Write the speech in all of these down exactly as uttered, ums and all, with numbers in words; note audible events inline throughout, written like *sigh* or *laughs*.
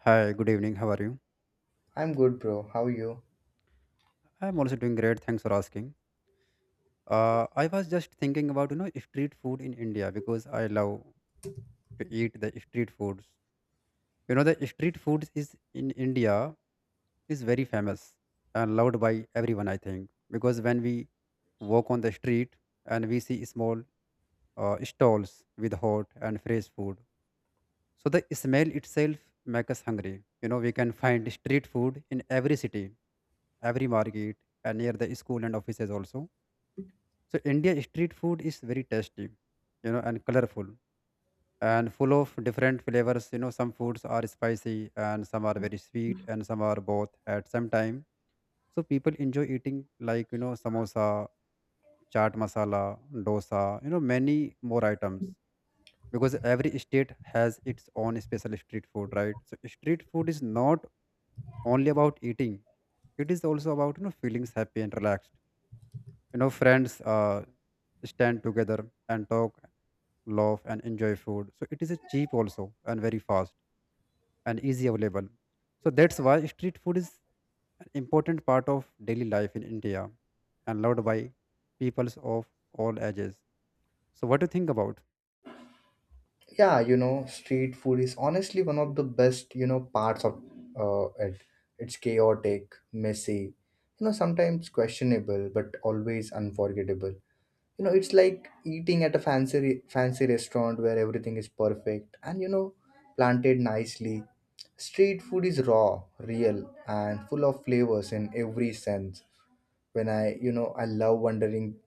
Hi, good evening. How are you? I'm good, bro. How are you? I'm also doing great. Thanks for asking. Uh, I was just thinking about you know street food in India because I love to eat the street foods. You know the street foods is in India is very famous and loved by everyone. I think because when we walk on the street and we see small uh, stalls with hot and fresh food, so the smell itself makes us hungry. You know we can find street food in every city, every market, and near the school and offices also. So India street food is very tasty, you know, and colorful and full of different flavors. You know, some foods are spicy and some are very sweet and some are both at some time. So people enjoy eating like, you know, samosa, chaat masala, dosa, you know, many more items because every state has its own special street food, right? So street food is not only about eating. It is also about, you know, feelings happy and relaxed. You know, friends uh, stand together and talk, laugh, and enjoy food. So it is a cheap also and very fast and easy available. So that's why street food is an important part of daily life in India and loved by peoples of all ages. So what do you think about? Yeah, you know, street food is honestly one of the best, you know, parts of uh, it. It's chaotic, messy, you know, sometimes questionable, but always unforgettable. You know, it's like eating at a fancy re- fancy restaurant where everything is perfect and you know, planted nicely. Street food is raw, real, and full of flavors in every sense. When I, you know, I love wandering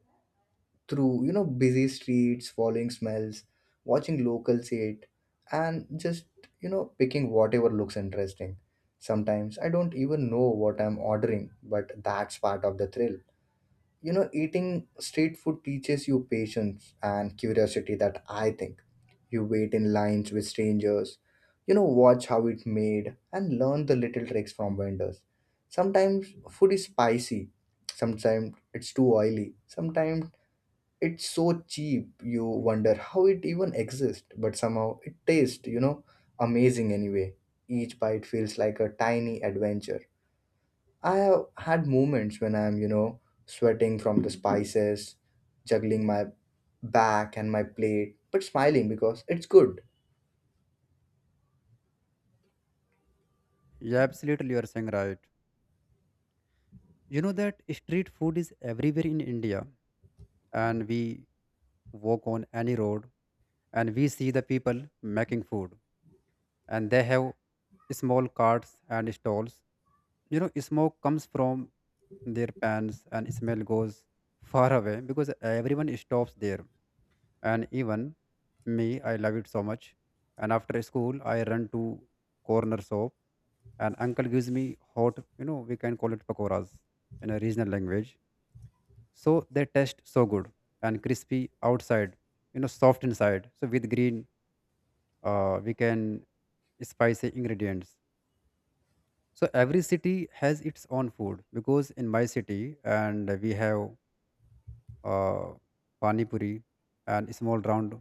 through you know busy streets, following smells, watching locals eat, and just you know picking whatever looks interesting. Sometimes I don't even know what I'm ordering, but that's part of the thrill. You know eating street food teaches you patience and curiosity, that I think, you wait in lines with strangers. You know watch how it made and learn the little tricks from vendors. Sometimes food is spicy, sometimes it's too oily, sometimes it's so cheap you wonder how it even exists, but somehow it tastes you know amazing anyway. Each bite feels like a tiny adventure. I have had moments when I'm you know sweating from the spices, juggling my back and my plate, but smiling because it's good. Yeah, absolutely, you are saying right. You know that street food is everywhere in India, and we walk on any road and we see the people making food, and they have small carts and stalls. You know, smoke comes from their pans and smell goes *laughs* far away because everyone stops there. And even me, I love it so much. And after school, I run to corner shop and uncle gives me hot, you know, we can call it pakoras in a regional language. So they taste so good and crispy outside, you know, soft inside. So with green, uh, we can spicy ingredients. So every city has its own food because in my city and we have uh, pani puri and small round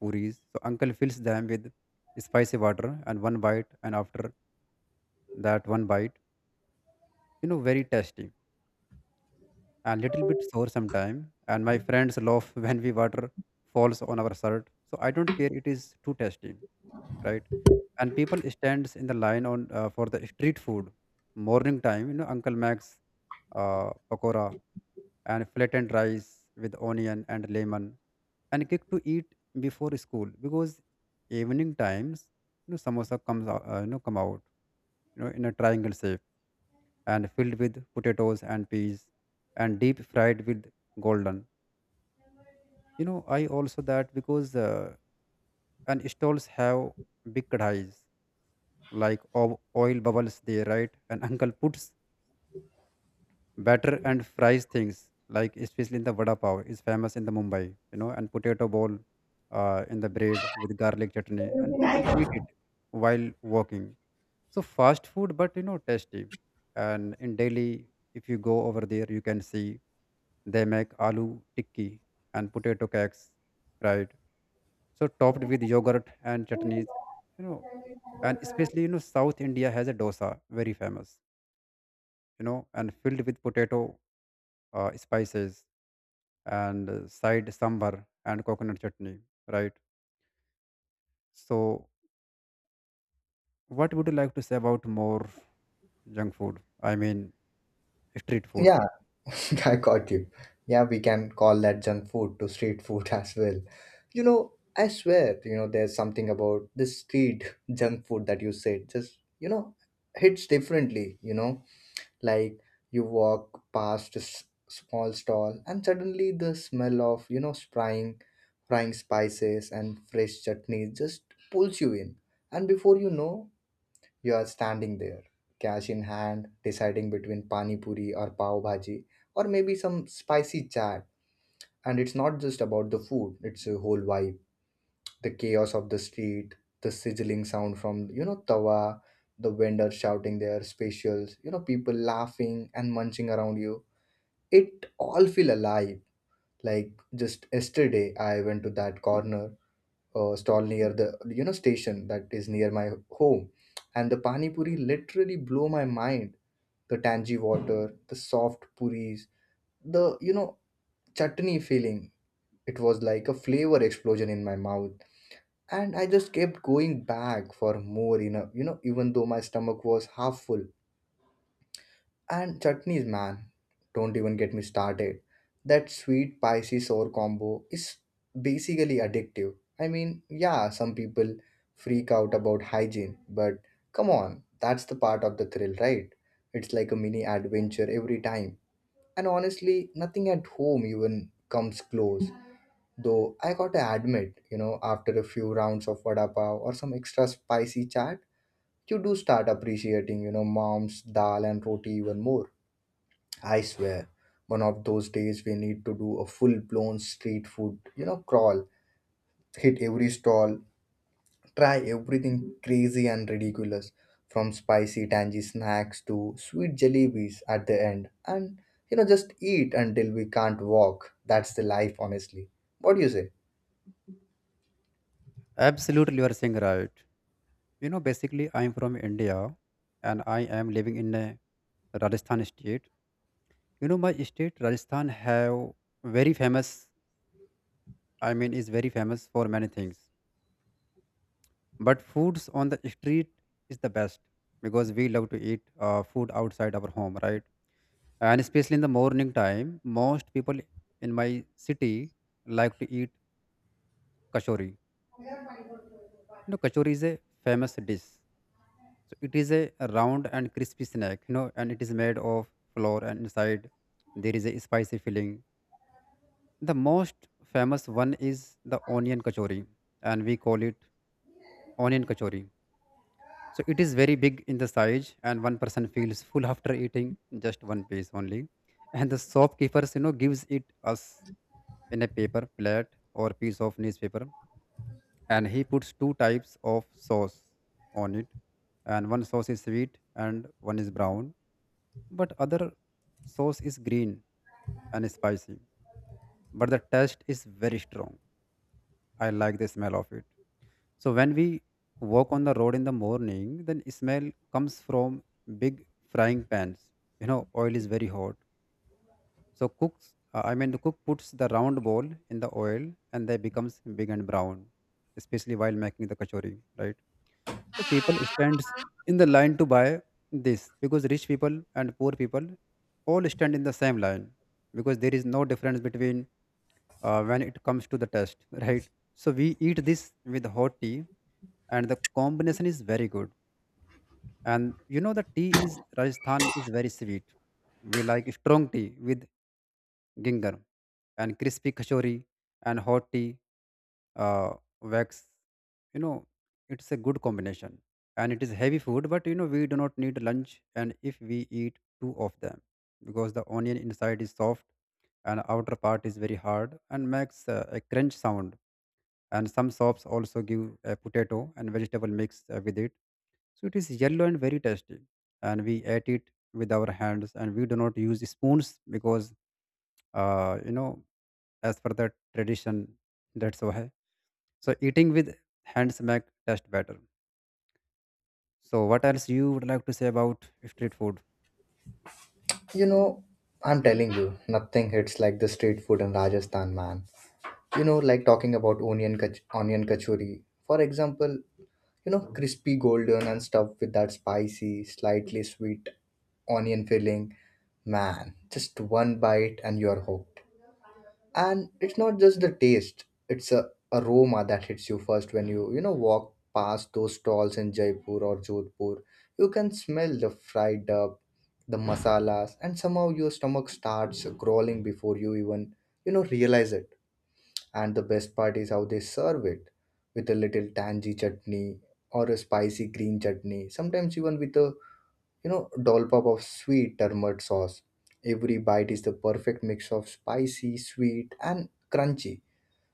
puris. So uncle fills them with spicy water and one bite and after that one bite, you know, very tasty and little bit sour sometime. And my friends laugh *laughs* when we water falls on our shirt. So I don't care. It is too tasty, right? And people stands in the line on uh, for the street food. Morning time, you know, uncle Max uh, pakora and flattened rice with onion and lemon and cake to eat before school because evening times, you know samosa comes out, uh, you know come out, you know in a triangle shape and filled with potatoes and peas and deep fried with golden. you know I also that because uh, and stalls have big kadhais like of oil bubbles there, right? And uncle puts batter and fries things like, especially in the vada pav is famous in the Mumbai, you know and potato bowl uh, in the bread with garlic chutney and people eat it while walking. So fast food but you know tasty. And in Delhi, if you go over there you can see they make aloo tikki and potato cakes, right? So topped with yogurt and chutneys, you know. And especially you know south India has a dosa, very famous, you know, and filled with potato, uh, spices and uh, side sambar and coconut chutney, right? So what would you like to say about more junk food, I mean street food? Yeah, *laughs* I got you. Yeah, we can call that junk food to street food *laughs* as well. You know, I swear, you know, there's something about this street *laughs* junk food that you said just, you know, hits differently, you know, like you walk past a s- small stall and suddenly the smell of, you know, frying, frying spices and fresh chutney just pulls you in. And before you know, you are standing there, cash in hand, deciding between pani puri or pav bhaji or maybe some spicy chaat. And it's not just about the food, it's a whole vibe. The chaos of the street, the sizzling sound from, you know, tawa, the vendors shouting their specials, you know, people laughing and munching around you. It all feel alive. Like just yesterday, I went to that corner uh, stall near the, you know, station that is near my home, and the pani puri literally blew my mind. The tangy water, the soft puris, the you know chutney feeling. It was like a flavor explosion in my mouth, and I just kept going back for more. You know, you know, even though my stomach was half full. And chutneys, man, don't even get me started. That sweet spicy sour combo is basically addictive. I mean, yeah, some people freak out about hygiene, but come on, that's the part of the thrill, right? It's like a mini adventure every time. And honestly nothing at home even comes close, though I gotta admit, you know after a few rounds of vada pav or some extra spicy chaat, you do start appreciating you know mom's dal and roti even more. I swear, one of those days we need to do a full blown street food you know crawl, hit every stall. Try everything crazy and ridiculous, from spicy tangy snacks to sweet jellies at the end. And you know, just eat until we can't walk. That's the life, honestly. What do you say? Absolutely, you are saying right. You know basically I'm from India and I am living in a Rajasthan state. You know my state Rajasthan have very famous, I mean is very famous for many things, but foods on the street is the best because we love to eat uh, food outside our home, right? And especially in the morning time most people in my city like to eat kachori. You know kachori is a famous dish. So it is a round and crispy snack, you know, and it is made of flour and inside there is a spicy filling. The most famous one is the onion kachori, and we call it onion kachori. So it is very big in the size and one person feels full after eating just one piece only. And the shopkeepers, you know, gives it us in a paper plate or piece of newspaper. And he puts two types of sauce on it, and one sauce is sweet and one is brown, but other sauce is green and spicy. But the taste is very strong. I like the smell of it. So when we walk on the road in the morning then smell comes from big frying pans. You know oil is very hot. So cooks, uh, I mean the cook puts the round ball in the oil and they becomes big and brown, especially while making the kachori, right? So people stands in the line to buy this because rich people and poor people all stand in the same line because there is no difference between, uh, when it comes to the taste, *laughs* right? So we eat this with hot tea and the combination is very good. And you know the tea is Rajasthan is very sweet. We like strong tea with ginger and crispy kachori and hot tea, uh, wax, you know, it's a good combination. And it is heavy food but you know we do not need lunch and if we eat two of them because the onion inside is soft and outer part is very hard and makes uh, a crunch sound. And some shops also give a potato and vegetable mix uh, with it. So it is yellow and very tasty, and we ate it with our hands and we do not use spoons because, uh, you know, as per the tradition. That's why. So eating with hands make taste better. So what else you would like to say about street food? You know, I'm telling you, nothing hits like the street food in Rajasthan, man. You know, like talking about onion kach- onion kachori, for example. You know, crispy golden and stuffed with that spicy, slightly sweet onion filling. Man, just one bite and you're hooked. And it's not just the taste, it's a aroma that hits you first when you you know walk past those stalls in Jaipur or Jodhpur. You can smell the fried duck, the masalas, and somehow your stomach starts crawling before you even you know realize it. And the best part is how they serve it with a little tangy chutney or a spicy green chutney, sometimes even with a you know dollop of sweet turmeric sauce. Every bite is the perfect mix of spicy, sweet, and crunchy.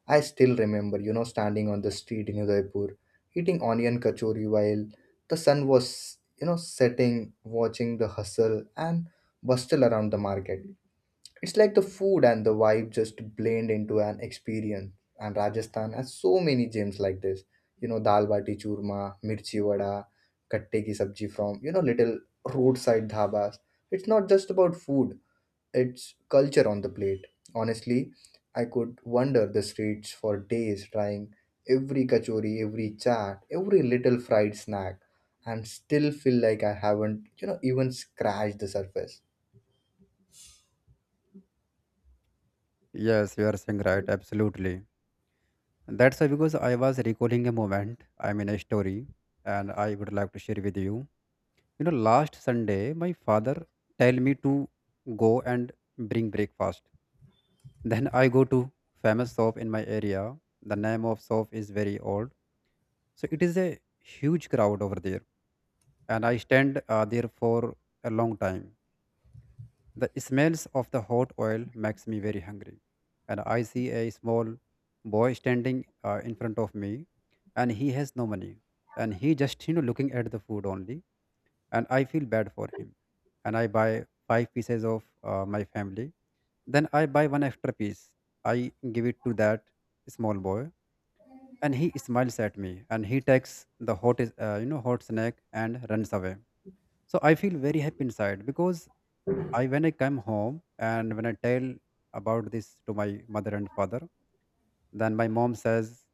I still remember you know standing on the street in Udaipur eating onion kachori while the sun was you know setting, watching the hustle and bustle around the market. It's like the food and the vibe just blend into an experience. And Rajasthan has so many gems like this. You know, dal bati churma, mirchi vada, katte ki sabji from, you know, little roadside dhabas. It's not just about food, it's culture on the plate. Honestly, I could wander the streets for days trying every kachori, every chaat, every little fried snack and still feel like I haven't, you know, even scratched the surface. Yes, you are saying right. Absolutely. That's why because I was recalling a moment, I mean a story, and I would like to share with you. You know, last Sunday, my father tell me to go and bring breakfast. Then I go to famous shop in my area. The name of shop is very old, so it is a huge crowd over there and I stand uh, there for a long time. The smells of the hot oil makes me very hungry, and I see a small boy standing uh, in front of me, and he has no money, and he just you know looking at the food only, and I feel bad for him, and I buy five pieces of uh, my family, then I buy one extra piece, I give it to that small boy, and he smiles at me, and he takes the hot is- uh, you know hot snack and runs away. So I feel very happy inside because I when I come home and when I tell about this to my mother and father, then my mom says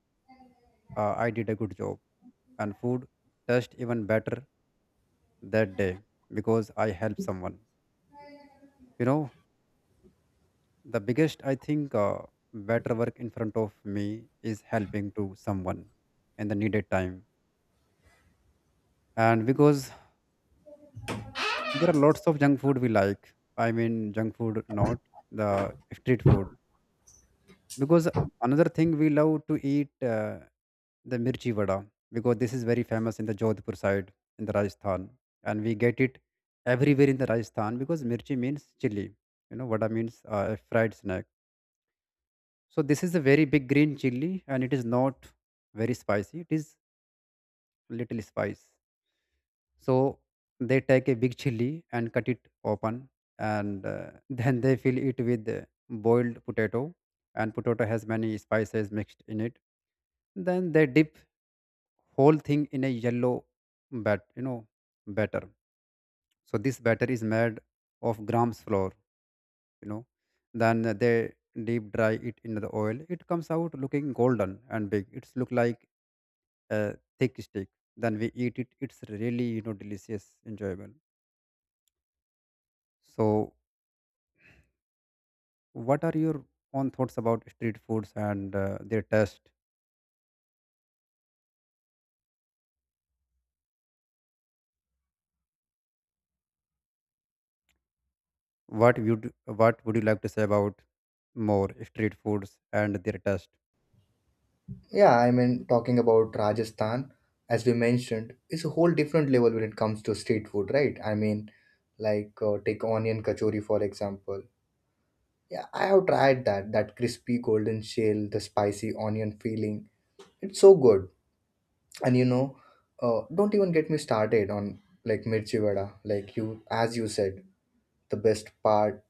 uh, I did a good job and food tastes even better that day because I helped someone. You know, the biggest I think, uh, better work in front of me is helping to someone in the needed time. And because there are lots of junk food we like, I mean junk food, not the street food. Because another thing we love to eat uh, the mirchi vada because this is very famous in the Jodhpur side in the Rajasthan, and we get it everywhere in the Rajasthan because mirchi means chili, you know vada means uh, a fried snack. So this is a very big green chili and it is not very spicy, it is little spice. So they take a big chili and cut it open and, uh, *laughs* then they fill it with uh, boiled potato, and potato has many spices mixed in it. Then they dip whole thing in a yellow bat you know batter. So this batter is made of grams flour, you know. Then they deep dry it in the oil. It comes out looking golden and big. It's look like a thick stick. Then we eat it. It's really you know delicious enjoyable. So what are your own thoughts about street foods and uh, their taste? What would what would you like to say about more street foods and their taste? Yeah, I mean, talking about Rajasthan, as we mentioned, is a whole different level when it comes to street food, right? I mean, like uh, take onion kachori for example. Yeah, I have tried that. That crispy golden shell, the spicy onion feeling. It's so good. And you know, uh, don't even get me started on like mirchi vada. Like you, as you said, the best part.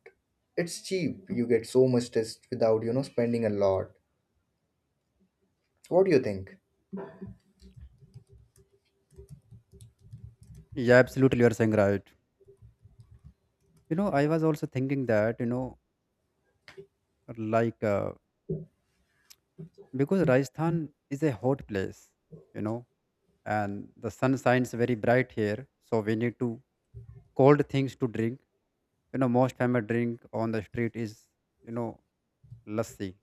It's cheap. You get so much taste without you know spending a lot. What do you think? Yeah, absolutely, you are saying right. You know, I was also thinking that, you know, like, uh, because Rajasthan is a hot place, you know, and the sun shines very bright here. So we need to cold things to drink. You know, most famous drink on the street is, you know, lassi.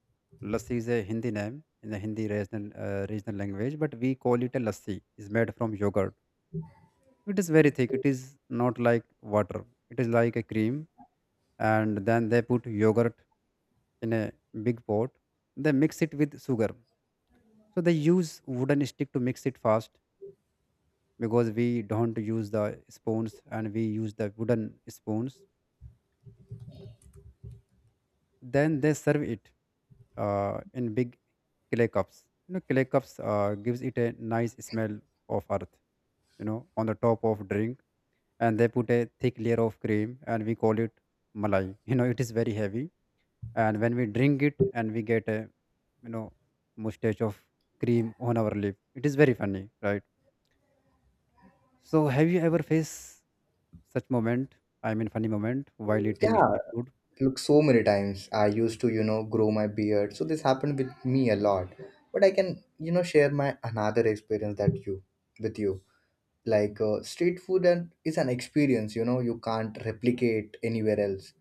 Lassi is a Hindi name in the Hindi regional, uh, regional language, but we call it a lassi. It's made from yogurt. It is very thick. It is not like water. It is like a cream. And then they put yogurt in a big pot. They mix it with sugar. So they use wooden stick to mix it fast because we don't use the spoons and we use the wooden spoons. Then they serve it uh, in big clay cups. You know, clay cups uh, gives it a nice smell of earth. You know, on the top of drink, and they put a thick layer of cream, and we call it malai. *laughs* You know, it is very heavy and when we drink it and we get a you know mustache of cream on our lip, it is very funny, right? So have you ever faced such moment, i mean funny moment while eating Yeah, street food? look, so many times I used to you know grow my beard, so this happened with me a lot. But I can you know share my another experience that you with you. like uh, street food and is an experience, you know you can't replicate anywhere else.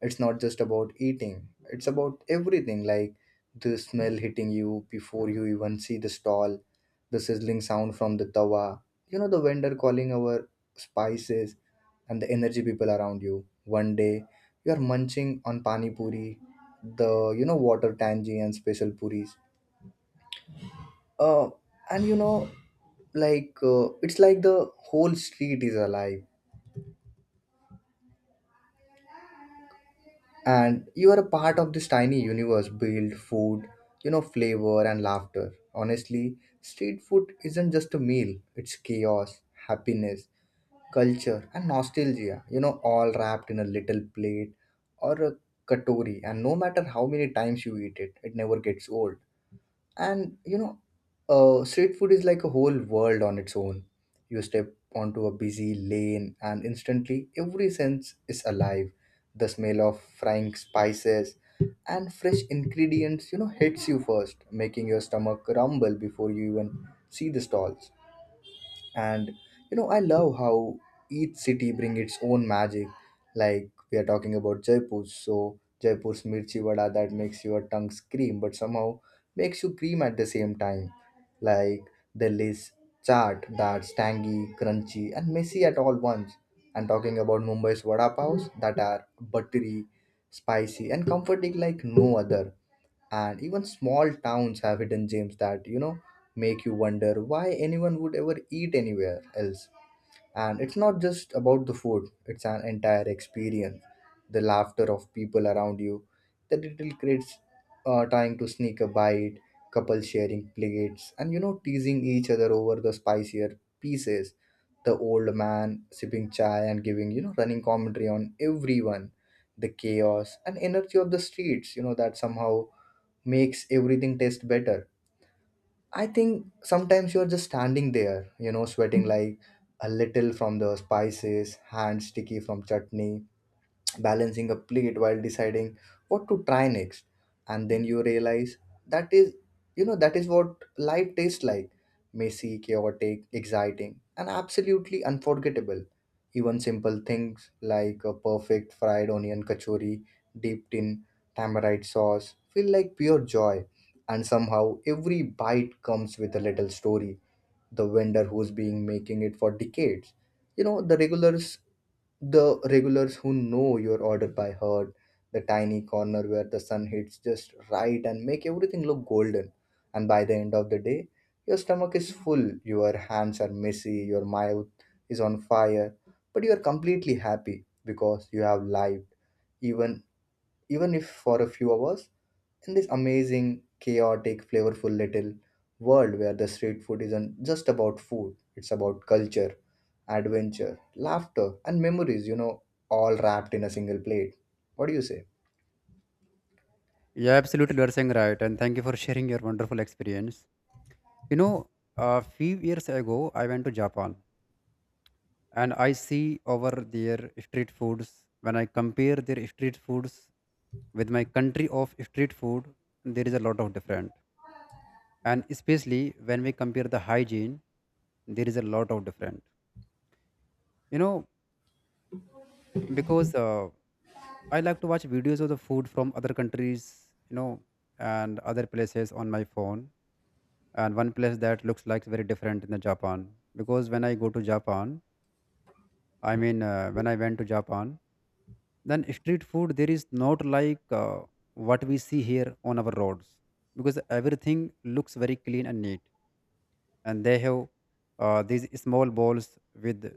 It's not just about eating, it's about everything, like the smell hitting you before you even see the stall, the sizzling sound from the tawa, you know, the vendor calling our spices, and the energy people around you. One day, you are munching on pani puri, the you know water tangy and special puris. Uh, and you know, like uh, it's like the whole street is alive, and you are a part of this tiny universe build food, you know flavor and laughter. Honestly, street food isn't just a meal, it's chaos, happiness, culture, and nostalgia, you know all wrapped in a little plate or a katori. And no matter how many times you eat it, it never gets old. And you know uh, street food is like a whole world on its own. You step onto a busy lane and instantly every sense is alive. The smell of frying spices and fresh ingredients you know hits you first, making your stomach rumble before you even see the stalls. And you know i love how each city bring its own magic. Like we are talking about Jaipur, so Jaipur's mirchi vada that makes your tongue scream but somehow makes you cream at the same time. Like Delhi's chaat that's tangy, crunchy, and messy at all once. And talking about Mumbai's vada paos that are buttery, spicy, and comforting like no other. And even small towns have hidden gems that you know make you wonder why anyone would ever eat anywhere else. And it's not just about the food, it's an entire experience. The laughter of people around you, the little kids uh, trying to sneak a bite, couples sharing plates, and you know, teasing each other over the spicier pieces. The old man sipping chai and giving, you know, running commentary on everyone. The chaos and energy of the streets, you know, that somehow makes everything taste better. I think sometimes you're just standing there, you know, sweating like a little from the spices, hands sticky from chutney, balancing a plate while deciding what to try next. And then you realize that is you know that is what life tastes like: messy, chaotic, exciting, and absolutely unforgettable. Even simple things like a perfect fried onion kachori dipped in tamarind sauce feel like pure joy. And somehow every bite comes with a little story: the vendor who's been making it for decades, you know the regulars the regulars who know your order by heart, the tiny corner where the sun hits just right and make everything look golden. And by the end of the day, your stomach is full, your hands are messy, your mouth is on fire, but you are completely happy because you have lived, even even if for a few hours, in this amazing, chaotic, flavorful little world where the street food isn't just about food, it's about culture, adventure, laughter, and memories, you know, all wrapped in a single plate. What do you say? Yeah, absolutely, you are saying right, and thank you for sharing your wonderful experience. You know, a few years ago I went to Japan and I see over their street foods. When I compare their street foods with my country of street food, there is a lot of different, and especially when we compare the hygiene, there is a lot of different, you know, because uh, I like to watch videos of the food from other countries, you know, and other places on my phone. And one place that looks like very different in the Japan, because when I go to Japan, i mean uh, when I went to Japan, then street food there is not like uh, what we see here on our roads because everything looks very clean and neat. And they have uh, these small bowls with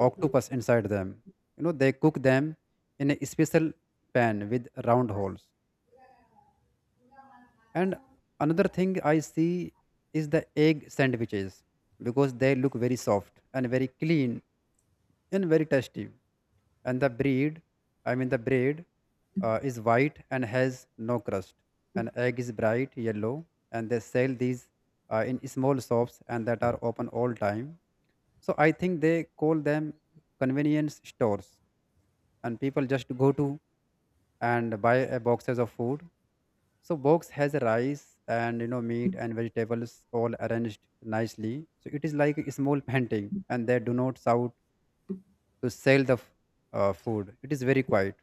octopus inside them. You know, they cook them in a special pan with round holes. And another thing I see is the egg sandwiches because they look very soft and very clean and very tasty. And the breed, I mean, the bread uh, is white and has no crust. And egg is bright yellow, and they sell these uh, in small shops and that are open all time. So I think they call them convenience stores, and people just go to and buy a boxes of food. So box has rice and, you know, meat and vegetables all arranged nicely, so it is like a small painting. And they do not shout to sell the f- uh, food. It is very quiet,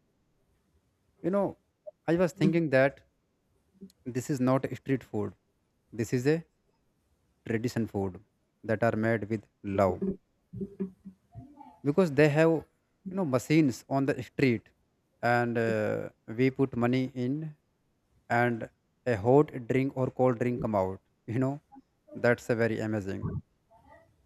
you know. I was thinking that this is not street food, this is a tradition food that are made with love. Because they have, you know, machines on the street, and uh, we put money in and a hot drink or cold drink come out, you know. That's a very amazing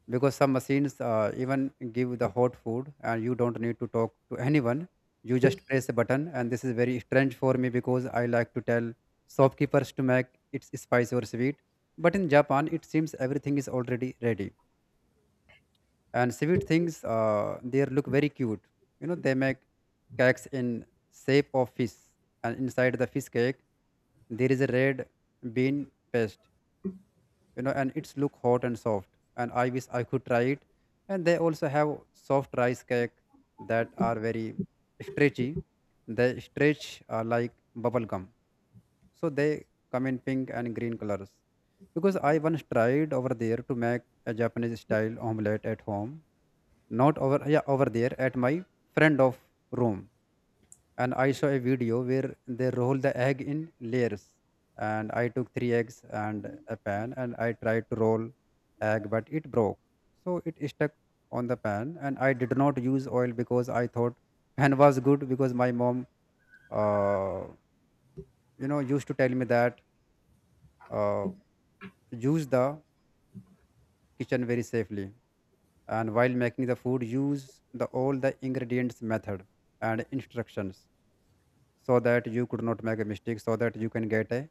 because some machines uh, even give the hot food and you don't need to talk to anyone. You just press a button, and this is very strange for me because I like to tell shopkeepers to make it spicy or sweet. But in Japan it seems everything is already ready. And sweet things uh, they look very cute. You know, they make cakes in shape of fish, and inside the fish cake there is a red bean paste, you know, and it's look hot and soft. And I wish I could try it. And they also have soft rice cake that are very stretchy. They stretch uh, like bubble gum. So they come in pink and green colors. Because I once tried over there to make a Japanese style omelette at home. Not over yeah, over there at my friend of room. And I saw a video where they roll the egg in layers. And I took three eggs and a pan, and I tried to roll egg, but it broke. So it stuck on the pan, and I did not use oil because I thought *laughs* pan was good. Because my mom, uh, you know, used to tell me that uh, use the kitchen very safely, and while making the food, use the all the ingredients method and instructions so that you could not make a mistake, so that you can get a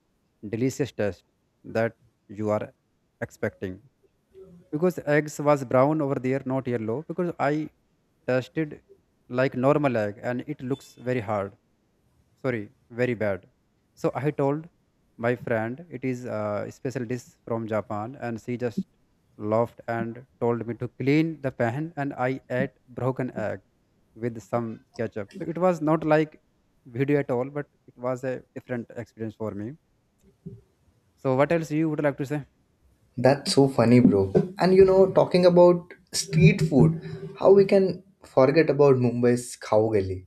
delicious taste that you are expecting. Because eggs was brown over there not yellow, because I tasted like normal egg and it looks very hard, sorry, very bad. So I told my friend it is a special dish from Japan, and she just laughed and told me to clean the pan. And I ate broken egg with some ketchup. So it was not like video at all, but it was a different experience for me. So what else you would like to say? That's so funny, bro. And you know, talking about street food, how we can forget about Mumbai's Khao Gali,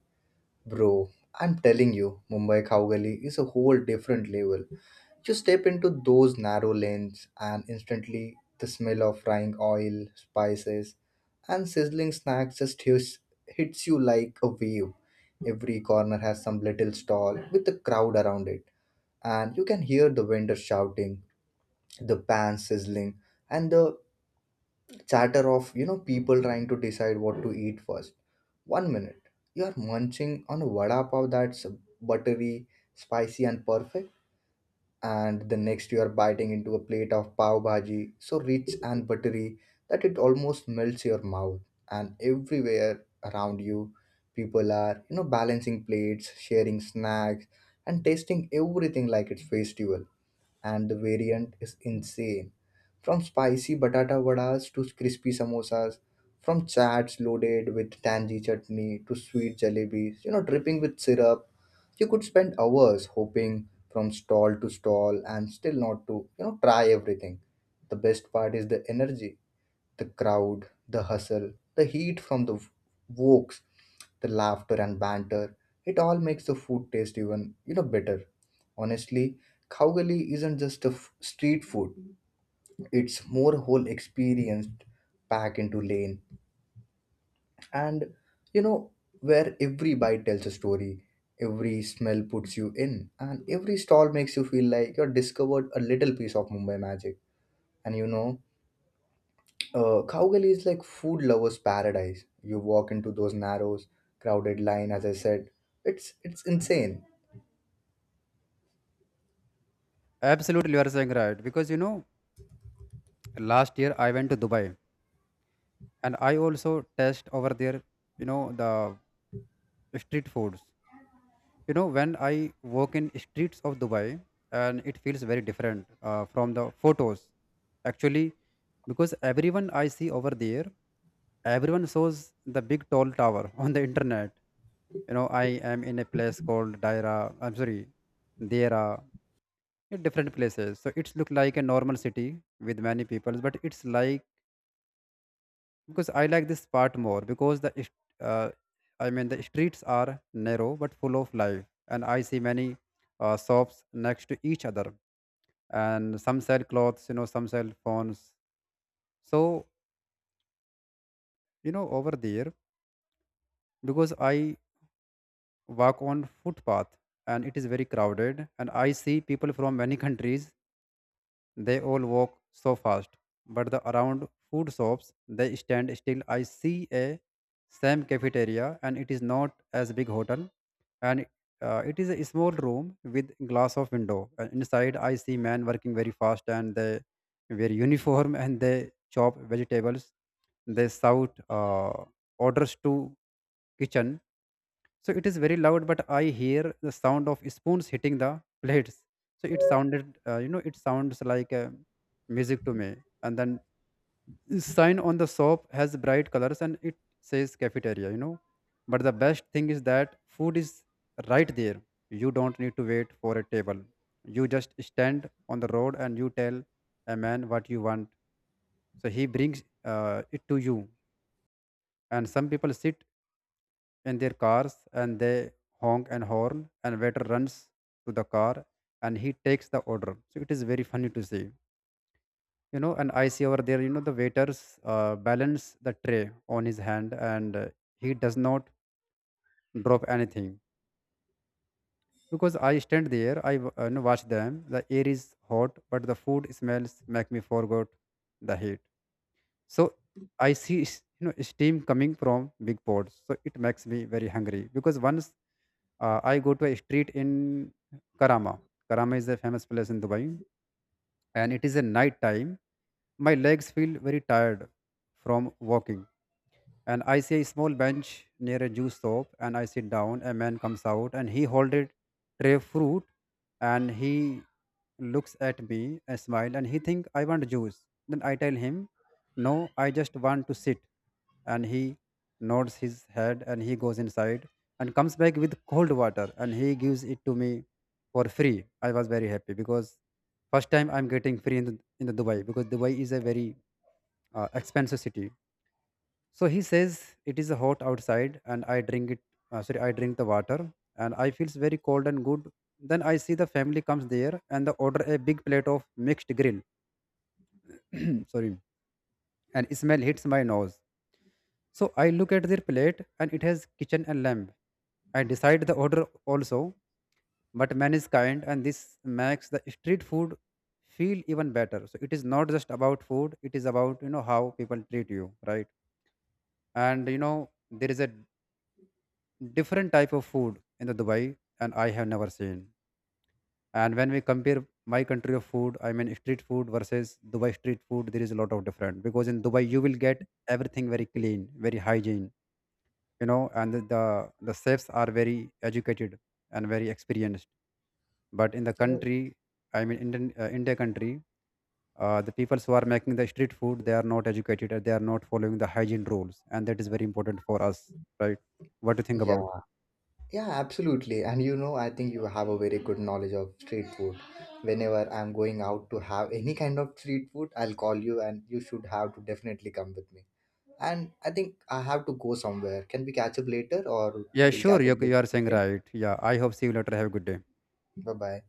bro. I'm telling you, Mumbai Khao Gali is a whole different level. You step into those narrow lanes, and instantly the smell of frying oil, spices, and sizzling snacks just hits, hits you like a wave. Every corner has some little stall with a crowd around it, and you can hear the vendors shouting, the pans sizzling, and the chatter of you know people trying to decide what to eat first. One minute, you are munching on a vada pav that's buttery, spicy, and perfect, and the next you are biting into a plate of pav bhaji so rich and buttery that it almost melts your mouth. And everywhere around you, people are you know balancing plates, sharing snacks, and tasting everything like it's festival. And the variant is insane. From spicy batata vadas to crispy samosas, from chats loaded with tangy chutney to sweet jalebis, you know, dripping with syrup, you could spend hours hopping from stall to stall and still not to, you know, try everything. The best part is the energy, the crowd, the hustle, the heat from the wokes, the laughter and banter, it all makes the food taste even, you know, better. Honestly, Khaugali isn't just a f- street food. It's more whole experience packed into lane. And, you know, where every bite tells a story, every smell puts you in, and every stall makes you feel like you're discovered a little piece of Mumbai magic. And you know, Uh, Cowgully is like food lovers' paradise. You walk into those narrow, crowded line. As I said, it's it's insane. Absolutely, you are saying right, because you know last year I went to Dubai, and I also test over there, you know, the street foods. You know, when I walk in streets of Dubai, and it feels very different uh, from the photos, actually, because everyone I see over there, everyone shows the big tall tower *laughs* on the internet. You know, I am in a place called Daira. I'm sorry, there are different places, so it's look like a normal city with many people, but it's like, because I like this part more, because the st- uh, I mean the streets are narrow but full of life, and I see many uh, shops next to each other, and some sell clothes, you know, some sell phones. So you know over there, because I walk on footpath, and it is very crowded, and I see people from many countries. They all walk so fast, but the around food shops they stand still. I see a same cafeteria, and it is not as big hotel, and uh, it is a small room with glass of window. And inside, I see men working very fast, and they wear uniform *laughs* and they chop vegetables. They shout uh, orders to kitchen, so it is very loud, but I hear the sound of spoons hitting the plates. So it sounded, uh, you know, it sounds like uh, music to me. And then sign on the shop has bright colors and it says cafeteria, you know. But the best thing is that food is right there. You don't need to wait for a table. You just stand on the road and you tell a man what you want. So he brings uh, it to you. And some people sit in their cars and they honk and horn, and waiter runs to the car and he takes the order. So it is very funny to see, you know. And I see over there, you know, the waiters uh, balance the tray on his hand, and uh, he does not drop anything. Because I stand there, i w- uh, you know, watch them. The air is hot but the food smells make me forget the heat. So I see s- you know steam coming from big pots, so it makes me very hungry. Because once Uh, I go to a street in Karama. Karama is a famous place in Dubai, and it is a night time. My legs feel very tired from walking, and I see a small bench near a juice shop, and I sit down. A man comes out, and he hold a tray of fruit, and he looks at me, a smile, and he think I want juice. Then I tell him, no, I just want to sit, and he nods his head, and he goes inside, and comes back with cold water, and he gives it to me for free. I was very happy because first time I'm getting free in the, in the Dubai, because Dubai is a very uh, expensive city. So he says it is hot outside, and I drink it. Uh, sorry, I drink the water, and I feels very cold and good. Then I see the family comes there, and they order a big plate of mixed grill. *clears throat* Sorry, and smell hits my nose. So I look at their plate, and it has kitchen and lamb. I decide the order also, but man is kind, and this makes the street food feel even better. So it is not just about food; it is about, you know, how people treat you, right? And you know there is a different type of food in the Dubai, and I have never seen. And when we compare my country of food, I mean street food versus Dubai street food, there is a lot of different, because in Dubai you will get everything very clean, very hygiene, you know, and the the, the chefs are very educated and very experienced. But in the You know, country, I mean Indian uh, India country, uh, the people who are making the street food, they are not educated and they are not following the hygiene rules, and that is very important for us, right? What do you think yeah, about? yeah, absolutely. And you know, I think you have a very good knowledge of street food. Whenever I'm going out to have any kind of street food, I'll call you, and you should have to definitely come with me. And I think I have to go somewhere. Can we catch up later, or Yeah, we'll catch sure. up You this you are saying weekend? right. Yeah, I hope see you later. Have a good day. Bye bye.